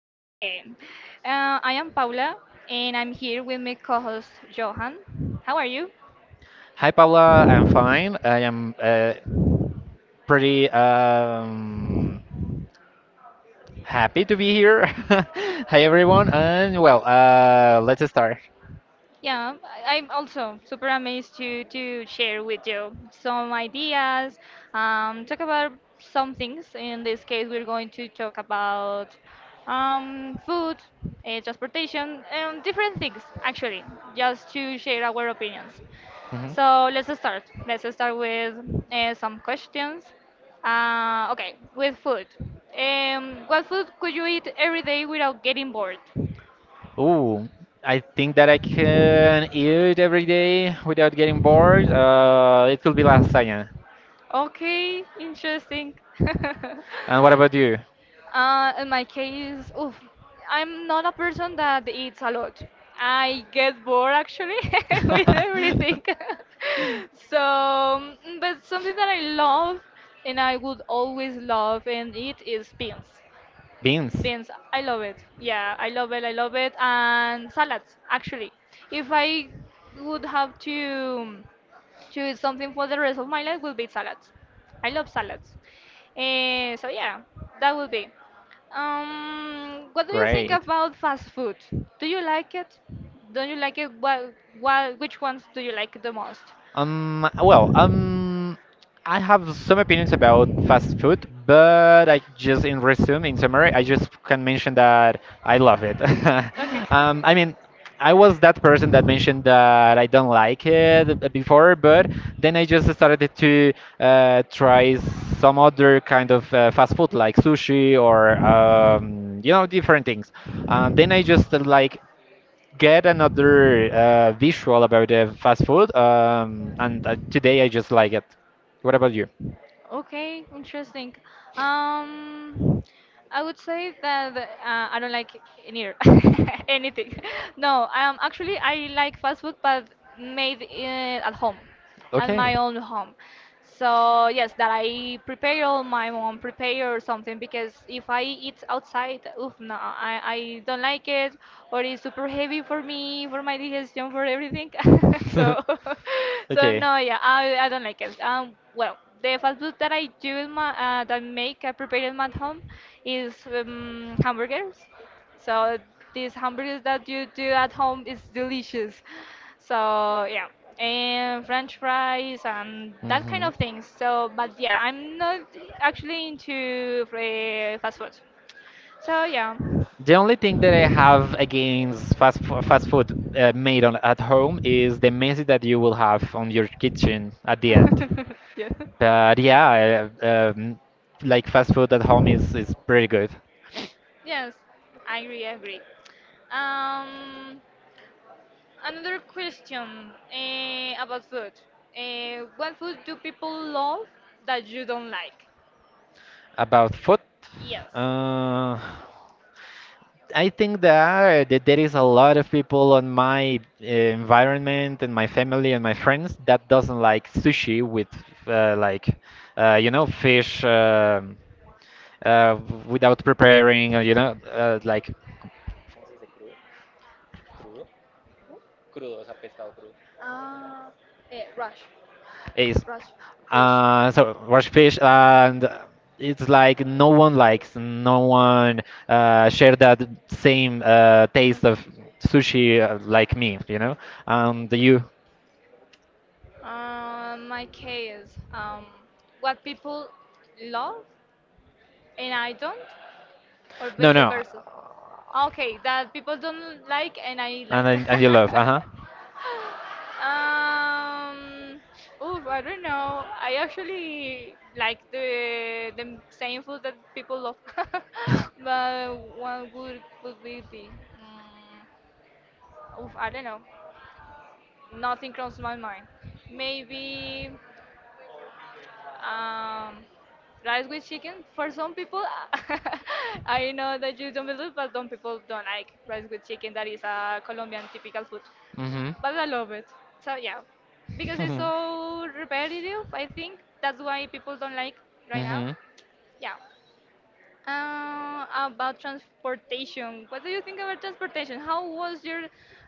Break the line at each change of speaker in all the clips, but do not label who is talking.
again. I am Paula and I'm here with my co-host Johan. How are you?
Hi, Paula. I'm fine. I am pretty happy to be here. Hi, everyone. And well, let's start.
Yeah, I'm also super amazed to share with you some ideas, talk about some things. In this case, we're going to talk about food, transportation, and different things actually, just to share our opinions.
Mhm.
So let's start. Let's start with some questions. Okay, with food. What food could you eat every day without getting bored?
Ooh, I think that I can eat every day without getting bored. It could be lasagna.
Okay, interesting.
And what about you?
In my case, oof, I'm not a person that eats a lot. I get bored actually with everything. So, but something that I love and I would always love and eat is beans.
Beans.
Beans, I love it. Yeah, I love it. I love it. And salads, actually. If I would have to eat something for the rest of my life, would be salads. I love salads. So yeah, that would be. What do you think
Great.
about fast food? Do you like it? Don't you like it? Which ones do you like the most?
Um, well, um, I have some opinions about fast food, but I just in resume, in summary, I just can mention that I love it.
Okay.
I mean, I was that person that mentioned that I don't like it before, but then I just started to try some other kind of fast food like sushi or you know different things. Then I just like get another visual about the fast food, and today I just like it. What about you?
Okay, interesting. Um, I would say that I don't like neither anything. No, actually I like fast food, but made at home and
Okay.
my own home. So yes, that I prepare all my mom prepare or something because if I eat outside, oof, no, I don't like it or it's super heavy for me, for my digestion, for everything. So so
Okay.
no, yeah, I don't like it. Well, the fast food that I do in my that make I prepare in my home is hamburgers. So these hamburgers that you do at home is delicious. So yeah, and French fries and that kind
Mhm.
of things. So but yeah, I'm not actually into fast food. So yeah.
The only thing that I have against fast food made on at home is the mess that you will have on your kitchen at the end.
Of yeah.
But yeah, like fast food at home is pretty good.
Yes, I agree. I agree. Um, Another question about food. What food do people love that you don't like?
About food,
Yes.
uh, I think that there is a lot of people on my environment and my family and my friends that doesn't like sushi with like you know fish. Uh, without preparing, you know, like
Ah, eh, rush,
is
rush fish.
so rush fish and it's like no one likes, no one share that same taste of
Mhm.
sushi like me, you know. And you,
My case, what people love and I don't, or
no,
vice
no,
versa. Okay, that people don't like and I
and
like.
and you love, uh huh.
Um, Oof, I don't know. I actually like the same food that people love, but one good would be be. Um, Oof, I don't know. Nothing crosses my mind. Maybe um, rice with chicken. For some people, I know that you don't believe, but some people don't like rice with chicken. That is a Colombian typical food.
Mhm.
But I love it. So yeah, because it's so repetitive, I think that's why people don't like right now.
Mhm.
Yeah. About transportation, what do you think about transportation? How was your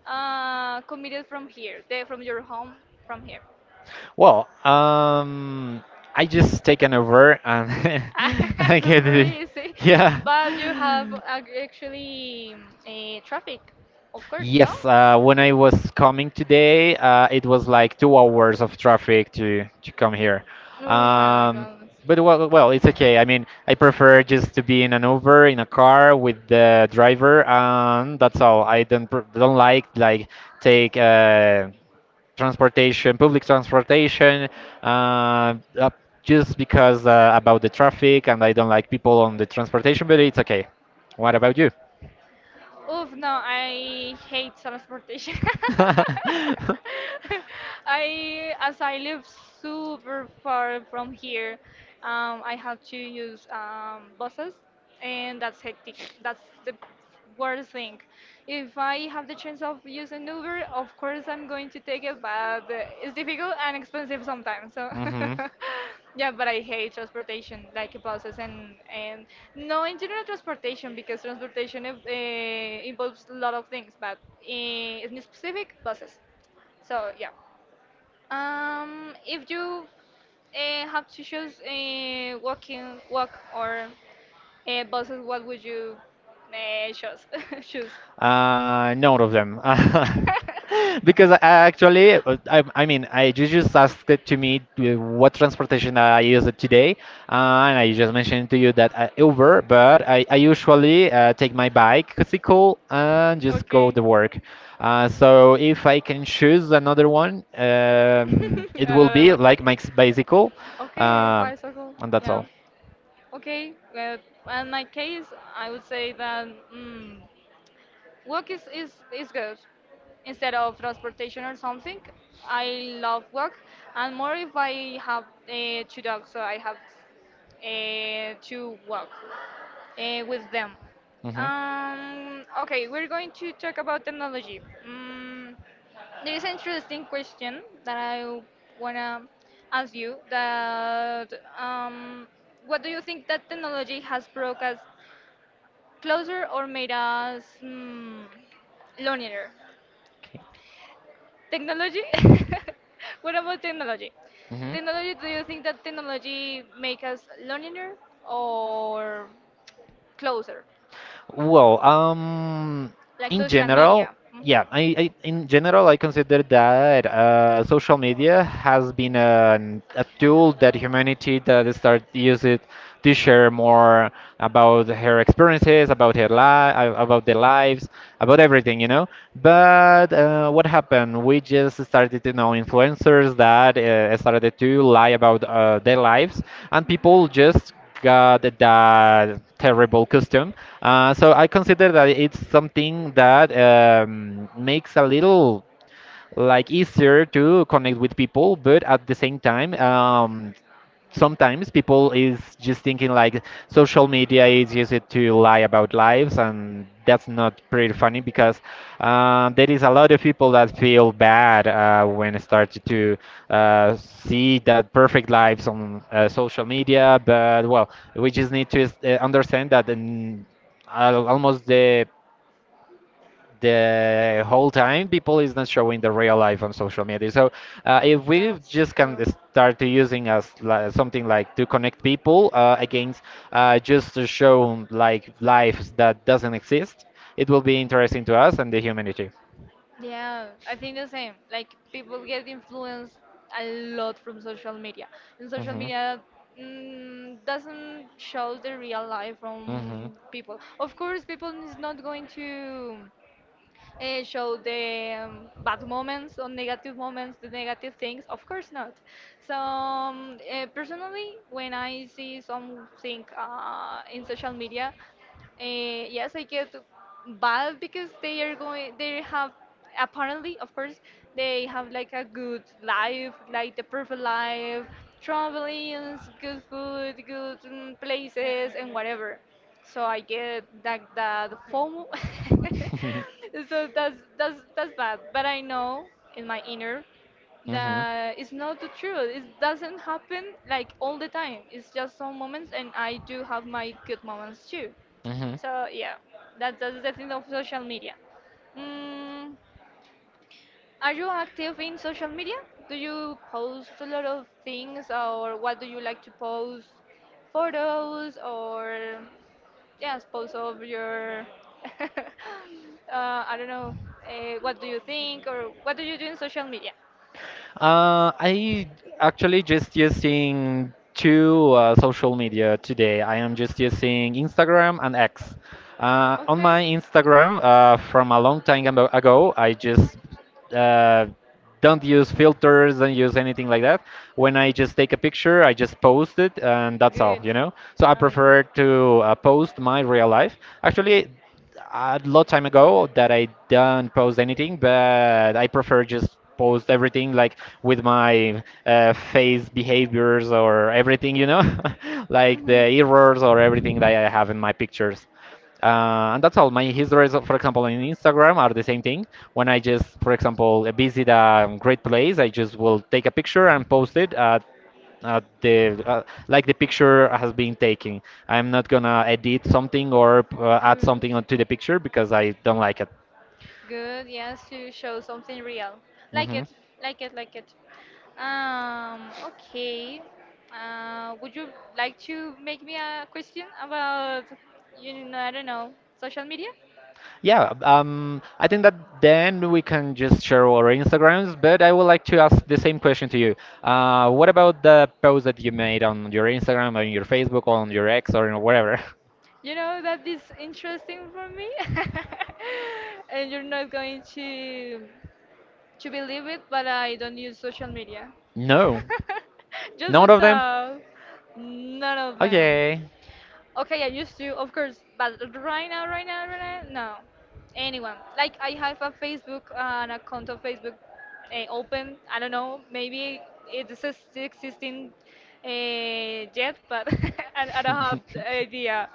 commuted from here, from your home, from here?
Well, I just take an over and I
I
get
super
it.
easy,
Yeah.
but you have actually a traffic, of course, no?
Yes, when I was coming today, it was like 2 hours of traffic to come here.
Oh my
Um,
goodness.
but well, well, it's okay. I mean, I prefer just to be in an Uber in a car with the driver, and that's all. I don't don't like take transportation, public transportation, uh, up just because about the traffic, and I don't like people on the transportation. But it's okay. What about you?
Oof, no, I hate transportation. I, as I live super far from here, I have to use buses, and that's hectic. That's the worst thing. If I have the chance of using Uber, of course I'm going to take it, but it's difficult and expensive sometimes. So, yeah, but I hate transportation, like buses and no, in general transportation because transportation involves a lot of things, but in specific buses. So yeah. If you have to choose walk or buses, what would you choose? Choose.
None of them. Because I actually, I you just asked it to me to what transportation I use it today, and I just mentioned to you that I Uber, but I usually take my bike, bicycle, and just go to
Okay.
work. So if I can choose another one, it will be like my bicycle, uh,
Bicycle.
and that's all.
Okay. Uh, in my case, I would say that. Mm, work is good. Instead of transportation or something, I love work, and more if I have two dogs, so I have to work with them.
Hmm.
Okay, we're going to talk about technology. Mm, there is an interesting question that I wanna ask you. That um, what do you think that technology has brought us closer or made us lonelier.
Okay.
Technology? What about technology?
Hmm.
Technology, do you think that technology make us lonelier or closer?
Well,
Like
in
social
general,
media. Hmm.
yeah, I in general I consider that social media has been a tool that humanity that start use it to share more about her experiences, about her life, about their lives, about everything, you know. But what happened? We just started to know influencers that started to lie about their lives, and people just got that terrible custom. So I consider that it's something that makes a little like easier to connect with people, but at the same time, sometimes people is just thinking like social media is used to lie about lives and that's not pretty funny because there is a lot of people that feel bad when started to see the perfect lives on social media but well we just need to understand that in, al almost the whole time people is not showing the real life on social media so if we
That's
just can
true.
start to using as something like to connect people against just to show like lives that doesn't exist it will be interesting to us and the humanity.
Yeah, I think the same. Like people get influenced a lot from social media, and social media doesn't show the real life
Mhm.
from people. Of course, people is not going to show the bad moments or negative moments, the negative things. Of course not. So personally, when I see something in social media,
Mhm.
yes, I get bad because they are going. They have apparently, of course, they have like a good life, like the perfect life, traveling, good food, good places, and whatever. So I get like that FOMO. So that's bad. But I know in my inner that it's not the truth. It doesn't happen like all the time. It's just some moments, and I do have my good moments too.
here.
So yeah, that's the thing of social media. Mm, are you active in social media? Do you post a lot of things, or what do you like to post? Photos or yes, posts of your. I don't know. What do you think, or what do you do in social media?
I actually just using two social media today. I am just using Instagram and X. On my
Okay.
Instagram, from a long time ago, I just uh, don't use filters, don't use anything like that. When I just take a picture, I just post it, and that's all,
Good.
you know. So I prefer to post my real life. Actually, a lot time ago that I don't post anything, but I prefer just post everything like with my face behaviors or everything, you know, like the errors or everything that
Okay.
I have in my pictures. And that's all. My histories, for example, on Instagram are the same thing. When I just, for example, visit a great place, I just will take a picture and post it. At the like the picture has been taken. I'm not gonna edit something or add something onto the
Good.
picture because I don't like it.
Good, yes, to show something real. Like
Hmm.
it, like it, like it. Okay. Would you like to make me a question about, you know, I don't know, social media?
Yeah, I think that then we can just share our Instagrams, but I would like to ask the same question to you. What about the post that you made on your Instagram, on your Facebook, on your X, or whatever?
You know that is interesting for me, and you're not going to believe it, but I don't use social media.
No,
Just
none of them.
WhatsApp, none of them.
Okay.
Okay, I used to, of course, but right now, no. Anyone. Like, I have a Facebook, an account of Facebook open. I don't know, maybe it's a still existing yet, but I don't have the idea.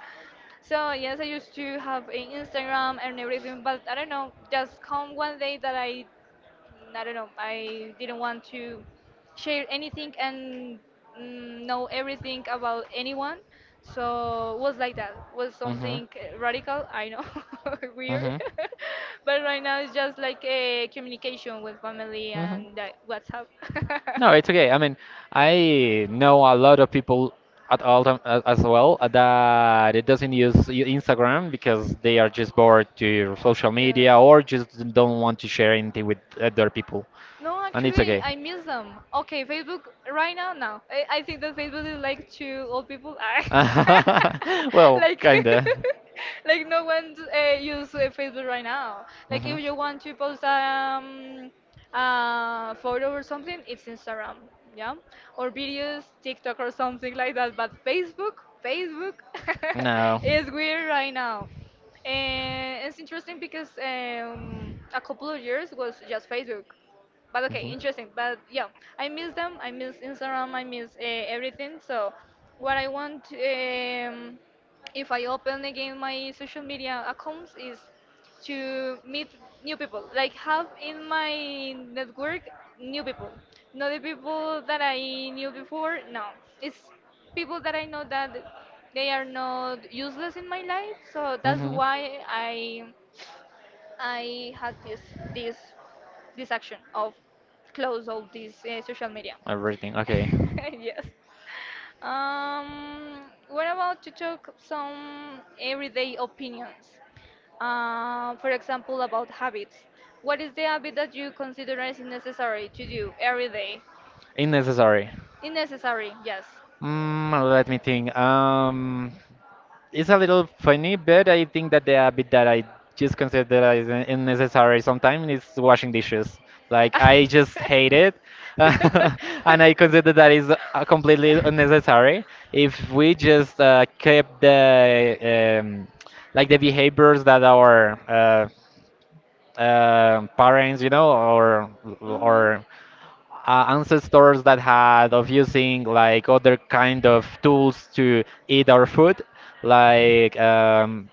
So, yes, I used to have a Instagram and everything, but I don't know, just come one day that I I don't know. I didn't want to share anything and know everything about anyone. So it was like that. Was something radical. I know,
Hmm. Hmm.
weird. But right now it's just like a communication with family
Hmm.
and that WhatsApp.
No, it's okay. I mean, I know a lot of people at all time as well that it doesn't use Instagram because they are just bored to social
Yeah.
media or just don't want to share anything with other people,
No,
and it's
actually,
okay.
I miss them. Okay, Facebook right now, no. I think that Facebook is like two old people.
Well,
Like,
kinda.
like no one use Facebook right now. Like,
Hmm.
if you want to post a photo or something, it's Instagram, yeah, or videos, TikTok or something like that. But Facebook,
No.
is weird right now. And it's interesting because a couple of years was just Facebook. But okay,
Hmm.
interesting. But yeah, I miss them. I miss Instagram. I miss everything. So, what I want, if I open again my social media accounts, is to meet new people, like have in my network new people, not the people that I knew before. No, it's people that I know that they are not useless in my life. So that's
Hmm.
why I had this this action of close all these social media.
Everything. Okay.
Yes. What about to talk some everyday opinions? For example, about habits. What is the habit that you consider as necessary to do every day?
Unnecessary.
Unnecessary, yes.
Mm, let me think. It's a little funny, but I think that the habit that I just consider that is unnecessary sometimes is washing dishes. Like I just hate it, and I consider that is completely unnecessary. If we just kept the like the behaviors that our parents, you know,
Mhm.
or ancestors that had of using like other kind of tools to eat our food, like um,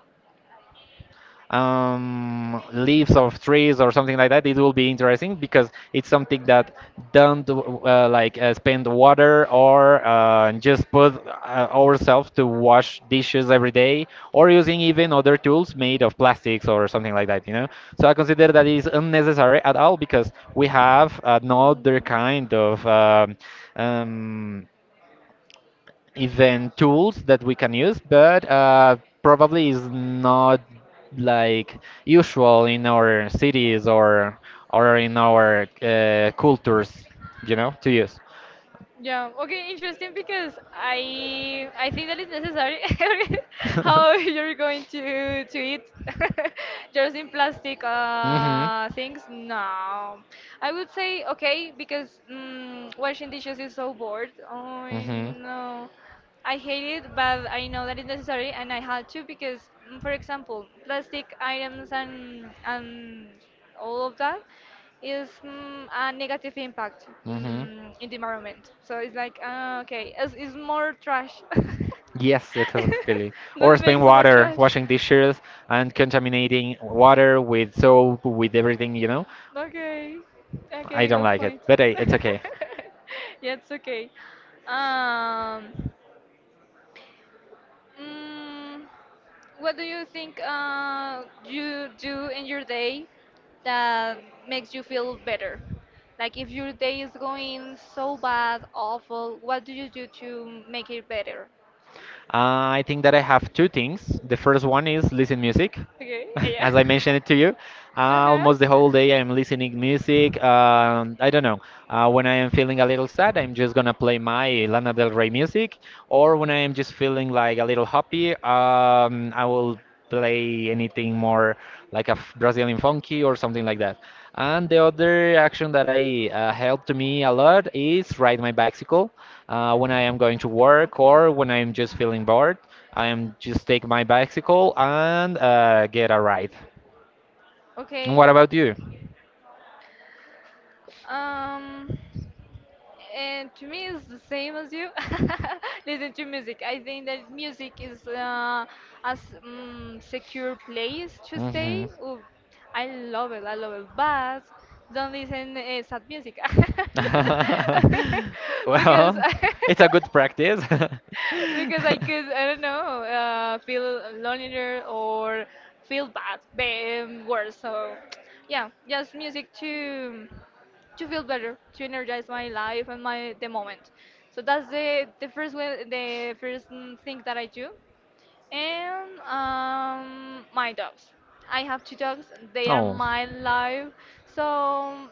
um, leaves of trees or something like that, it will be interesting because it's something that don't like spend water or just put ourselves to wash dishes every day or using even other tools made of plastics or something like that, you know. So I consider that is unnecessary at all because we have another
Mhm.
kind of um, event tools that we can use, but probably is not like usual in our cities or in our cultures, you know, to use.
Yeah, okay, interesting because I think that is necessary how you're going to eat just in plastic
Mhm.
things. No, I would say okay because washing dishes is so bored. Oh
Mhm.
no, I hate it, but I know that it's necessary, and I had to because, for example, plastic items and all of that is a negative impact
Mhm.
in the environment. So it's like okay, it's more trash. That
Yes, exactly. Or spend
makes more
water
trash.
washing dishes and contaminating water with soap, with everything, you know.
Okay,
I
okay,
don't
good
like it,
point.
but I, it's okay.
Yeah, it's okay. Um, mm, What do you think you do in your day that makes you feel better? Like if your day is going so bad, awful, what do you do to make it better?
I think that I have two things. The first one is listen music.
Okay, yeah.
as I mentioned it to you,
Uh-huh.
almost the whole day I'm listening music. I don't know. When I am feeling a little sad, I'm just gonna play my Lana Del Rey music, or when I am just feeling like a little happy, I will play anything more like a Brazilian funky or something like that. And the other action that I helped me a lot is ride my bicycle when I am going to work
Okay.
or when I'm just feeling bored. I'm just take my bicycle and get a ride.
Okay.
What about you?
Um, And to me, it's the same as you. Listen to music. I think that music is as secure place to
Hmm.
stay. Ooh, I love it. I love it. But don't listen sad music because
Well, it's a good practice.
because I could I don't know feel lonelier or feel bad, worse. So yeah, just music too to feel better, to energize my life and my the moment. So that's the first way, the first thing that I do. And my dogs. I have two dogs. They are
Oh.
my life. So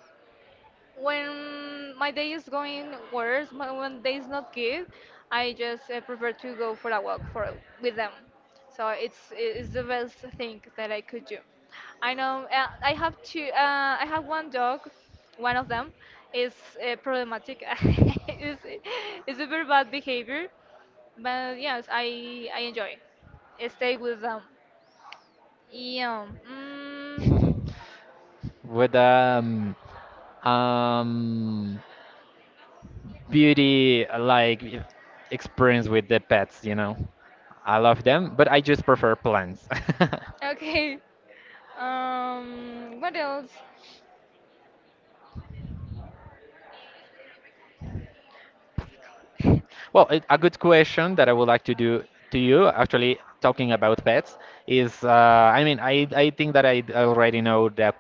when my day is going worse, when day is not good, I just prefer to go for a walk for with them. So it's the best thing that I could do. I know I have two. I have one dog. One of them is problematic. It's it's a very bad behavior. But yes, I enjoy stay with them. Yeah. Mm,
with um beauty like experience with the pets, you know. I love them, but I just prefer plants.
okay. What else?
Well, it, a good question that I would like to do to you, actually talking about pets, is I mean, I think that I already know the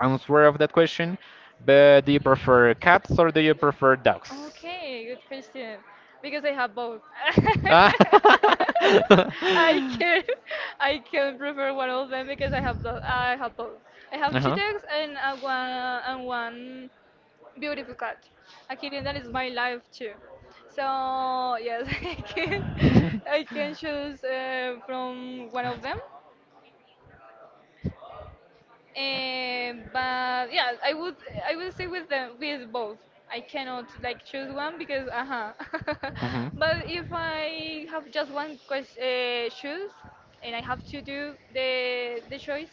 answer of that question, but do you prefer cats or do you prefer dogs?
Okay, good question. Because I have both.
Ah.
I can I can prefer one of them because I have both. I have both. I have two
Uh-huh.
dogs and a one and one beautiful cat. A kitten that is my life too. So yes, I can I can choose from one of them. But yeah, I would say with them with both. I cannot like choose one because uh-huh. But if I have just one question, choose and I have to do the choice,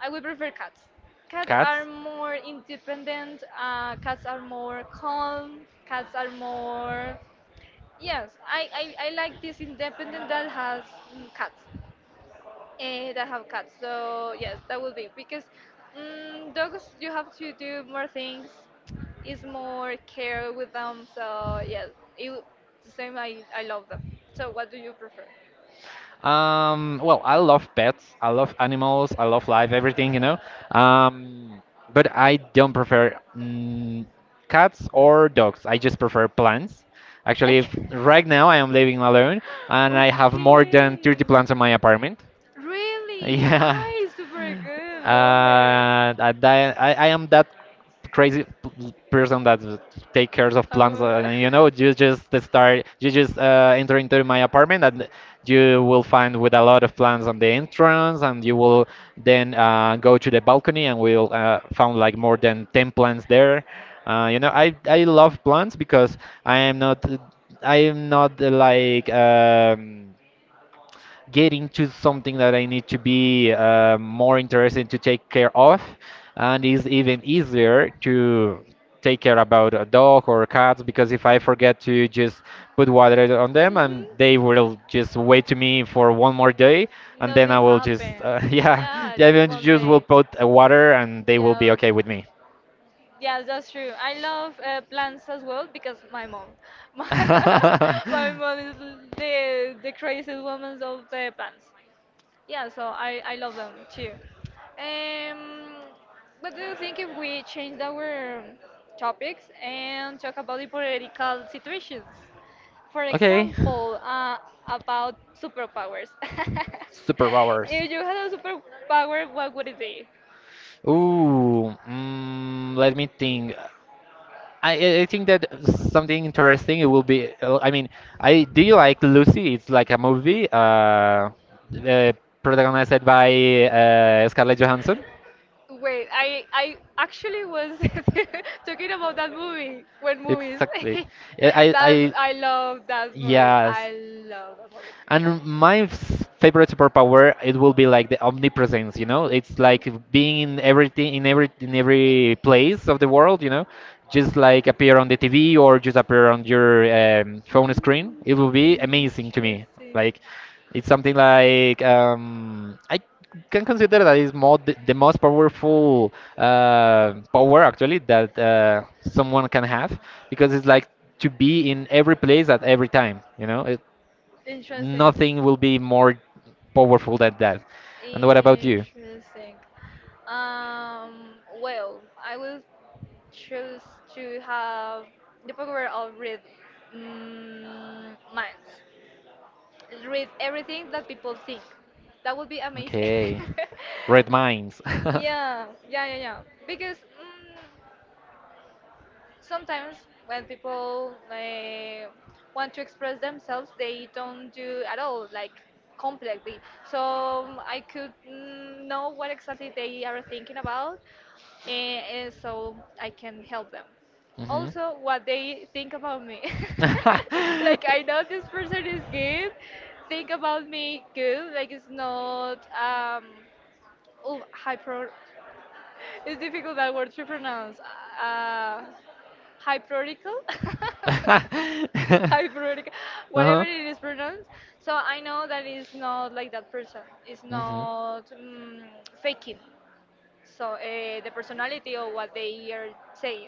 I would prefer cats. Cats are more independent. Cats are more calm. Cats are more yes. I like this independent that has cats, that have cats. So yes, that would be because dogs you have to do more things. It's more care with them. So yes, it w- the same. I love them. So what do you prefer?
Well, I love pets. I love animals. I love life, everything, you know. Um, but I don't prefer cats or dogs. I just prefer plants.
Okay.
Actually, if,
Okay.
right now I am living alone and I have more than 30 plants in my apartment.
Really?
Yeah.
Ah, it's super good. Love it.
I, di- I am that crazy person that take cares of plants.
Oh.
You know, you just start, you just enter into my apartment, and you will find with a lot of plants on the entrance, and you will then go to the balcony, and we'll found like more than 10 plants there. You know, I love plants because I am not I am not like. Get into something that I need to be more interested to take care of, and it's even easier to take care about a dog or cats because if I forget to just put water on them, and they will
Mhm.
just wait to me for one more day, and then I
Nothing
will just
happened.
yeah
Yeah,
yeah even
one
just will
day.
put water and they will be
Yeah.
okay with me.
Yeah, that's true. I love plants as well because my mom, my, my mom is the craziest woman of the plants, yeah, so I love them too. Um, what do you think if we changed our topics and talk about the political situations? For, okay,
okay.
example, about superpowers.
Superpowers.
If you had a superpower, what would it be?
Ooh, let me think. I think that something interesting it will be. I mean, I do you like Lucy? It's like a movie, uh protagonized by Scarlett Johansson.
Wait, I actually was talking about that movie when movies.
Exactly. Yeah,
That
I
I love that movie.
yes.
I love that movie.
And my favorite superpower it will be like the omnipresence, you know. It's like being in everything, in every place of the world, you know. Just like appear on the TV or just appear on your
Mm,
phone screen.
interesting.
It will be amazing to me.
Interesting.
Like it's something like I can consider that is more the most powerful power actually that someone can have because it's like to be in every place at every time, you know it. Nothing will be more powerful than that. And what about you?
Interesting. Um, well, I will choose to have the power of read, minds. Read everything that people think. That would be amazing.
Okay, red minds.
Yeah, yeah, yeah, yeah. Because sometimes when people want to express themselves, they don't do at all like completely, so I could, know what exactly they are thinking about, and so I can help them,
Mhm.
also what they think about me. Like I know this person is good, think about me good, like it's not oh, hyper, it's difficult that word to pronounce, uh hyperical. Hyperical, whatever
Uh-huh.
it is pronounced. So I know that it's not like that person, it's
Mhm.
not, faking, so the personality or what they are saying.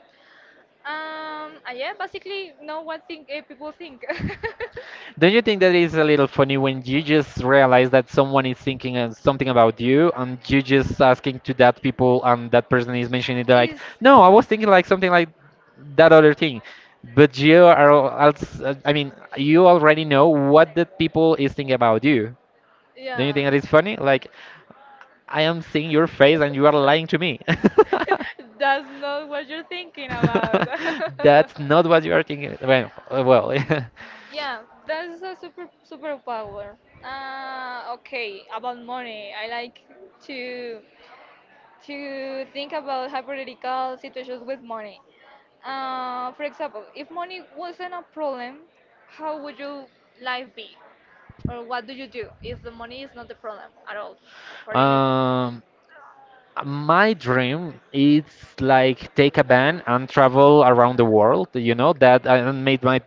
yeah, basically know what think, people think.
Don't you think that is a little funny when you just realize that someone is thinking something about you, and you just asking to that people and that person is mentioning it like,
Is,
no, I was thinking like something like that other thing. But you are, also, I mean, you already know what that people is thinking about you. Don't you
yeah,
think that is funny? Like, I am seeing your face and you are lying to me.
that's not what you're thinking about.
That's not what you are thinking. Well, uh,
Yeah, that is a super superpower. Okay, about money. I like to to think about hypothetical situations with money. For example, if money wasn't a problem, how would your life be? Or what do you do if the money is not the problem at all for
well.
anything?
um, my dream is like take a van and travel around the world, you know
Okay.
that, and made my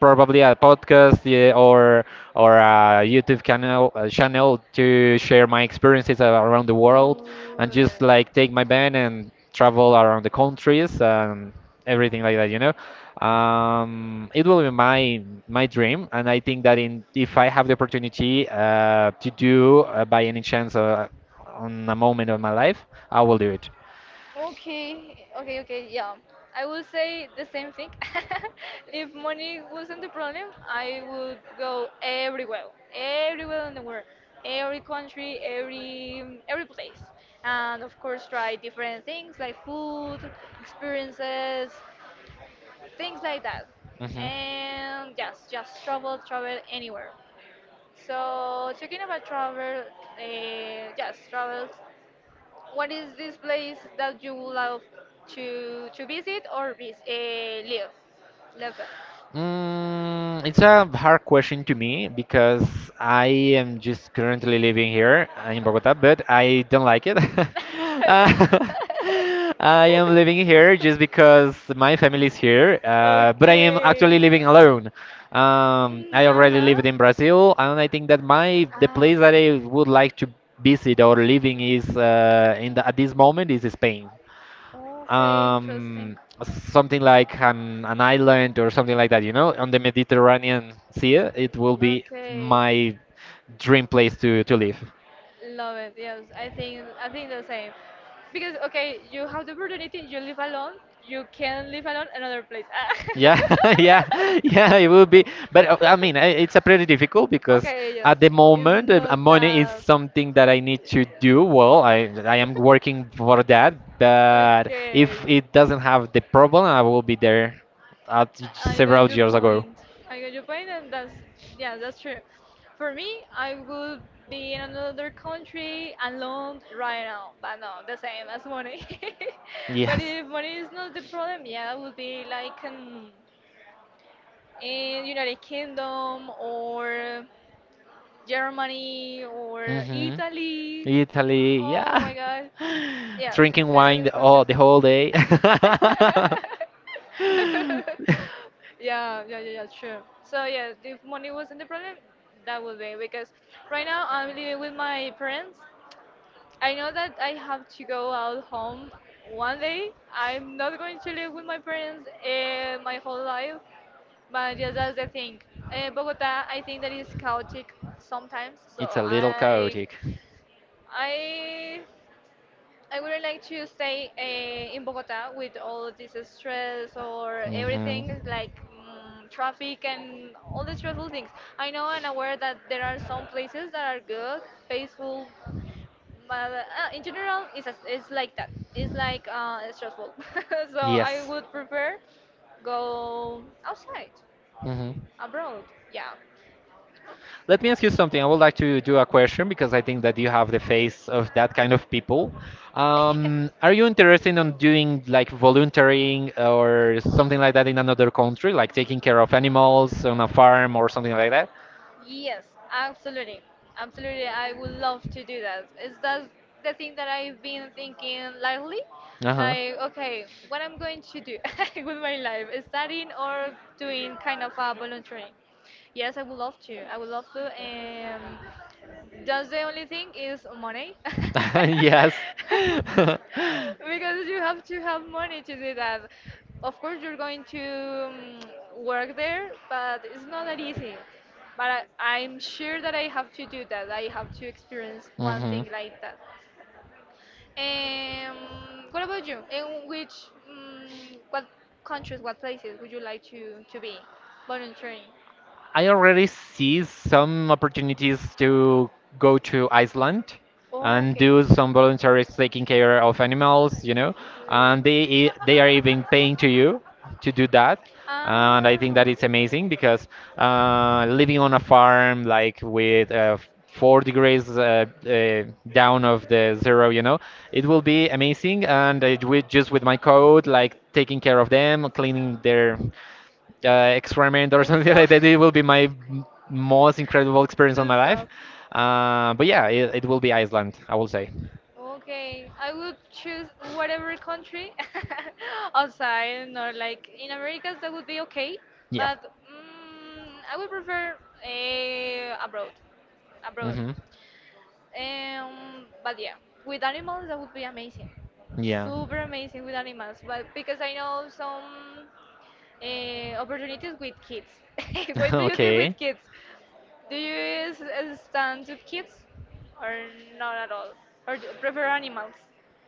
probably a podcast, yeah, or a YouTube channel to share my experiences around the world, and just like take my band and travel around the countries and everything like that, you know. It will be my dream, and I think that in if I have the opportunity to do by any chance on a moment of my life, I will do it.
Okay, okay, okay, yeah. I will say the same thing. If money wasn't the problem, I would go everywhere, everywhere in the world, every country, every place, and of course try different things like food, experiences, things like that.
Hmm
And yes, just travel, travel anywhere. So talking about travel, yes, travel. What is this place that you would love to visit or live? Live in?
Mm, it's a hard question to me because I am just currently living here in Bogota, but I don't like it. Uh, I am living here just because my family is here, but I am actually
Okay. Okay.
living alone.
Mm,
I already
uh-huh.
lived in Brazil, and I think that my the place that
Ah.
I would like to visit or living is at this moment is Spain,
Okay, interesting.
um, something like an island or something like that, you know, on the Mediterranean Sea. It will be
Okay,
my dream place to live.
love it. Yes, I think the same. Because okay, you have the opportunity. You live alone. You can live alone another place. Ah.
Yeah, yeah, yeah, it will be. But I mean, it's a pretty difficult because
Okay, yes,
at the
it's
moment,
not
money is
that.
something that I need to do. Well, I am working for that, but
Okay.
if it doesn't have the problem, I will be there at
I got
several
your
years ago.
point. I got your point, and that's, yeah, that's true. For me, I would be in another country alone right now, but no, the same as money. But
Yes.
if money is not the problem, yeah, I would be like in United Kingdom or Germany or
hmm
Italy.
Italy,
Oh
yeah.
my God, yes,
Drinking
kind of
wine
this these
the whole day.
yeah, yeah, yeah, yeah, sure. So yeah, if money wasn't the problem, that would be because right now I'm living with my parents. I know that I have to go out home one day. I'm not going to live with my parents my whole life, but yeah, that's the thing. Bogota, I think that is chaotic sometimes. So
It's a little chaotic.
I I would like to stay in Bogota with all this stress or
Hmm
everything like, traffic and all the stressful things. I know and aware that there are some places that are good, peaceful, but in general, it's like that. It's like stressful. So yes, I
Yes.
would prefer go outside,
hmm
abroad. Yeah.
Let me ask you something. I would like to do a question because I think that you have the face of that kind of people. Are you interested in doing like volunteering or something like that in another country, like taking care of animals on a farm or something like that?
Yes, absolutely. Absolutely, I would love to do that. Is that the thing that I've been thinking lately?
Uh-huh.
Like, okay, what I'm going to do with my life, studying or doing kind of a volunteering? Yes, I would love to. I would love to. Just the only thing is money.
Yes.
Because you have to have money to do that. Of course, you're going to work there, but it's not that easy. But I'm sure that I have to do that. I have to experience one
hmm
thing like that. Um, what about you? What countries, what places would you like to be volunteering?
I already see some opportunities to go to Iceland
Oh,
and
okay.
do some voluntary taking care of animals, you know, and they
Good.
they are even paying to you to do that.
Ah.
And I think that it's amazing because living on a farm like with 4 degrees down of the zero, you know, it will be amazing. And I, with, just with my coat, like taking care of them, cleaning their experiment
The
or
those
something like
stuff.
that. It will be my most incredible experience on
The
my life.
stuff.
But yeah, it will be Iceland, I will say.
Okay, I would choose whatever country outside or like in Americas that would be okay,
Yeah.
but I would prefer abroad. Abroad.
hmm
But yeah, with animals that would be amazing,
Yeah.
super amazing with animals. But because I know some opportunities with kids. What do you think
Okay.
with kids? Do you stand with kids, or not at all, or do you prefer animals?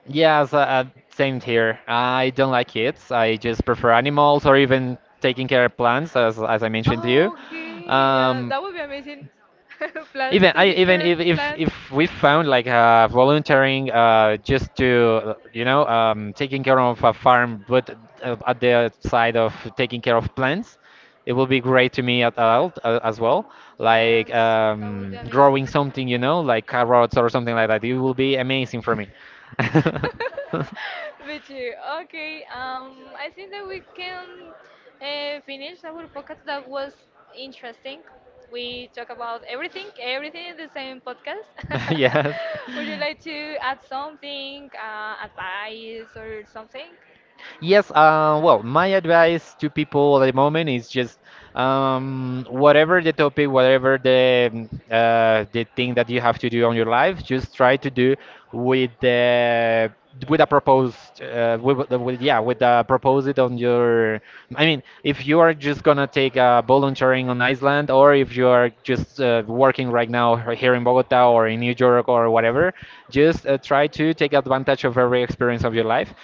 Yeah, so, same here. I don't like kids. I just prefer animals or even taking care of plants, as
To,
I mentioned to you.
oh, okay, yeah, that would be amazing. Plants,
Even I
taking
even
care if, of plants.
if we found like volunteering just to, you know, taking care of a farm, but at the side of taking care of plants, it will be great to me at all, as well.
Yes,
Like
that would be amazing.
growing something, you know, like carrots or something like that. It will be amazing for me.
But you, okay. I think that we can finish our podcast. That was interesting. We talk about everything, everything in the same podcast.
Yes.
Would you like to add something, advice or something?
Yes, well, my advice to people at the moment is just whatever the topic, whatever the the thing that you have to do on your life, just try to do with the with a proposed with, the- with yeah with a proposed on your. I mean, if you are just gonna take a volunteering on Iceland, or if you are just working right now here in Bogota or in New York or whatever, just try to take advantage of every experience of your life.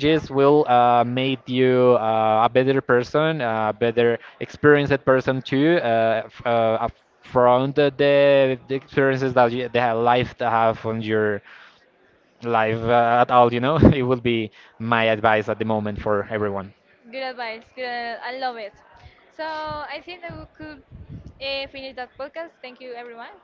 Yeah.
will make you a better person, a better experienced person too. From the experiences that you, the life to have on your life at all, you know, it would be my advice at the moment for everyone.
Good advice. Good. I love it. So I think that we could finish that podcast. Thank you, everyone.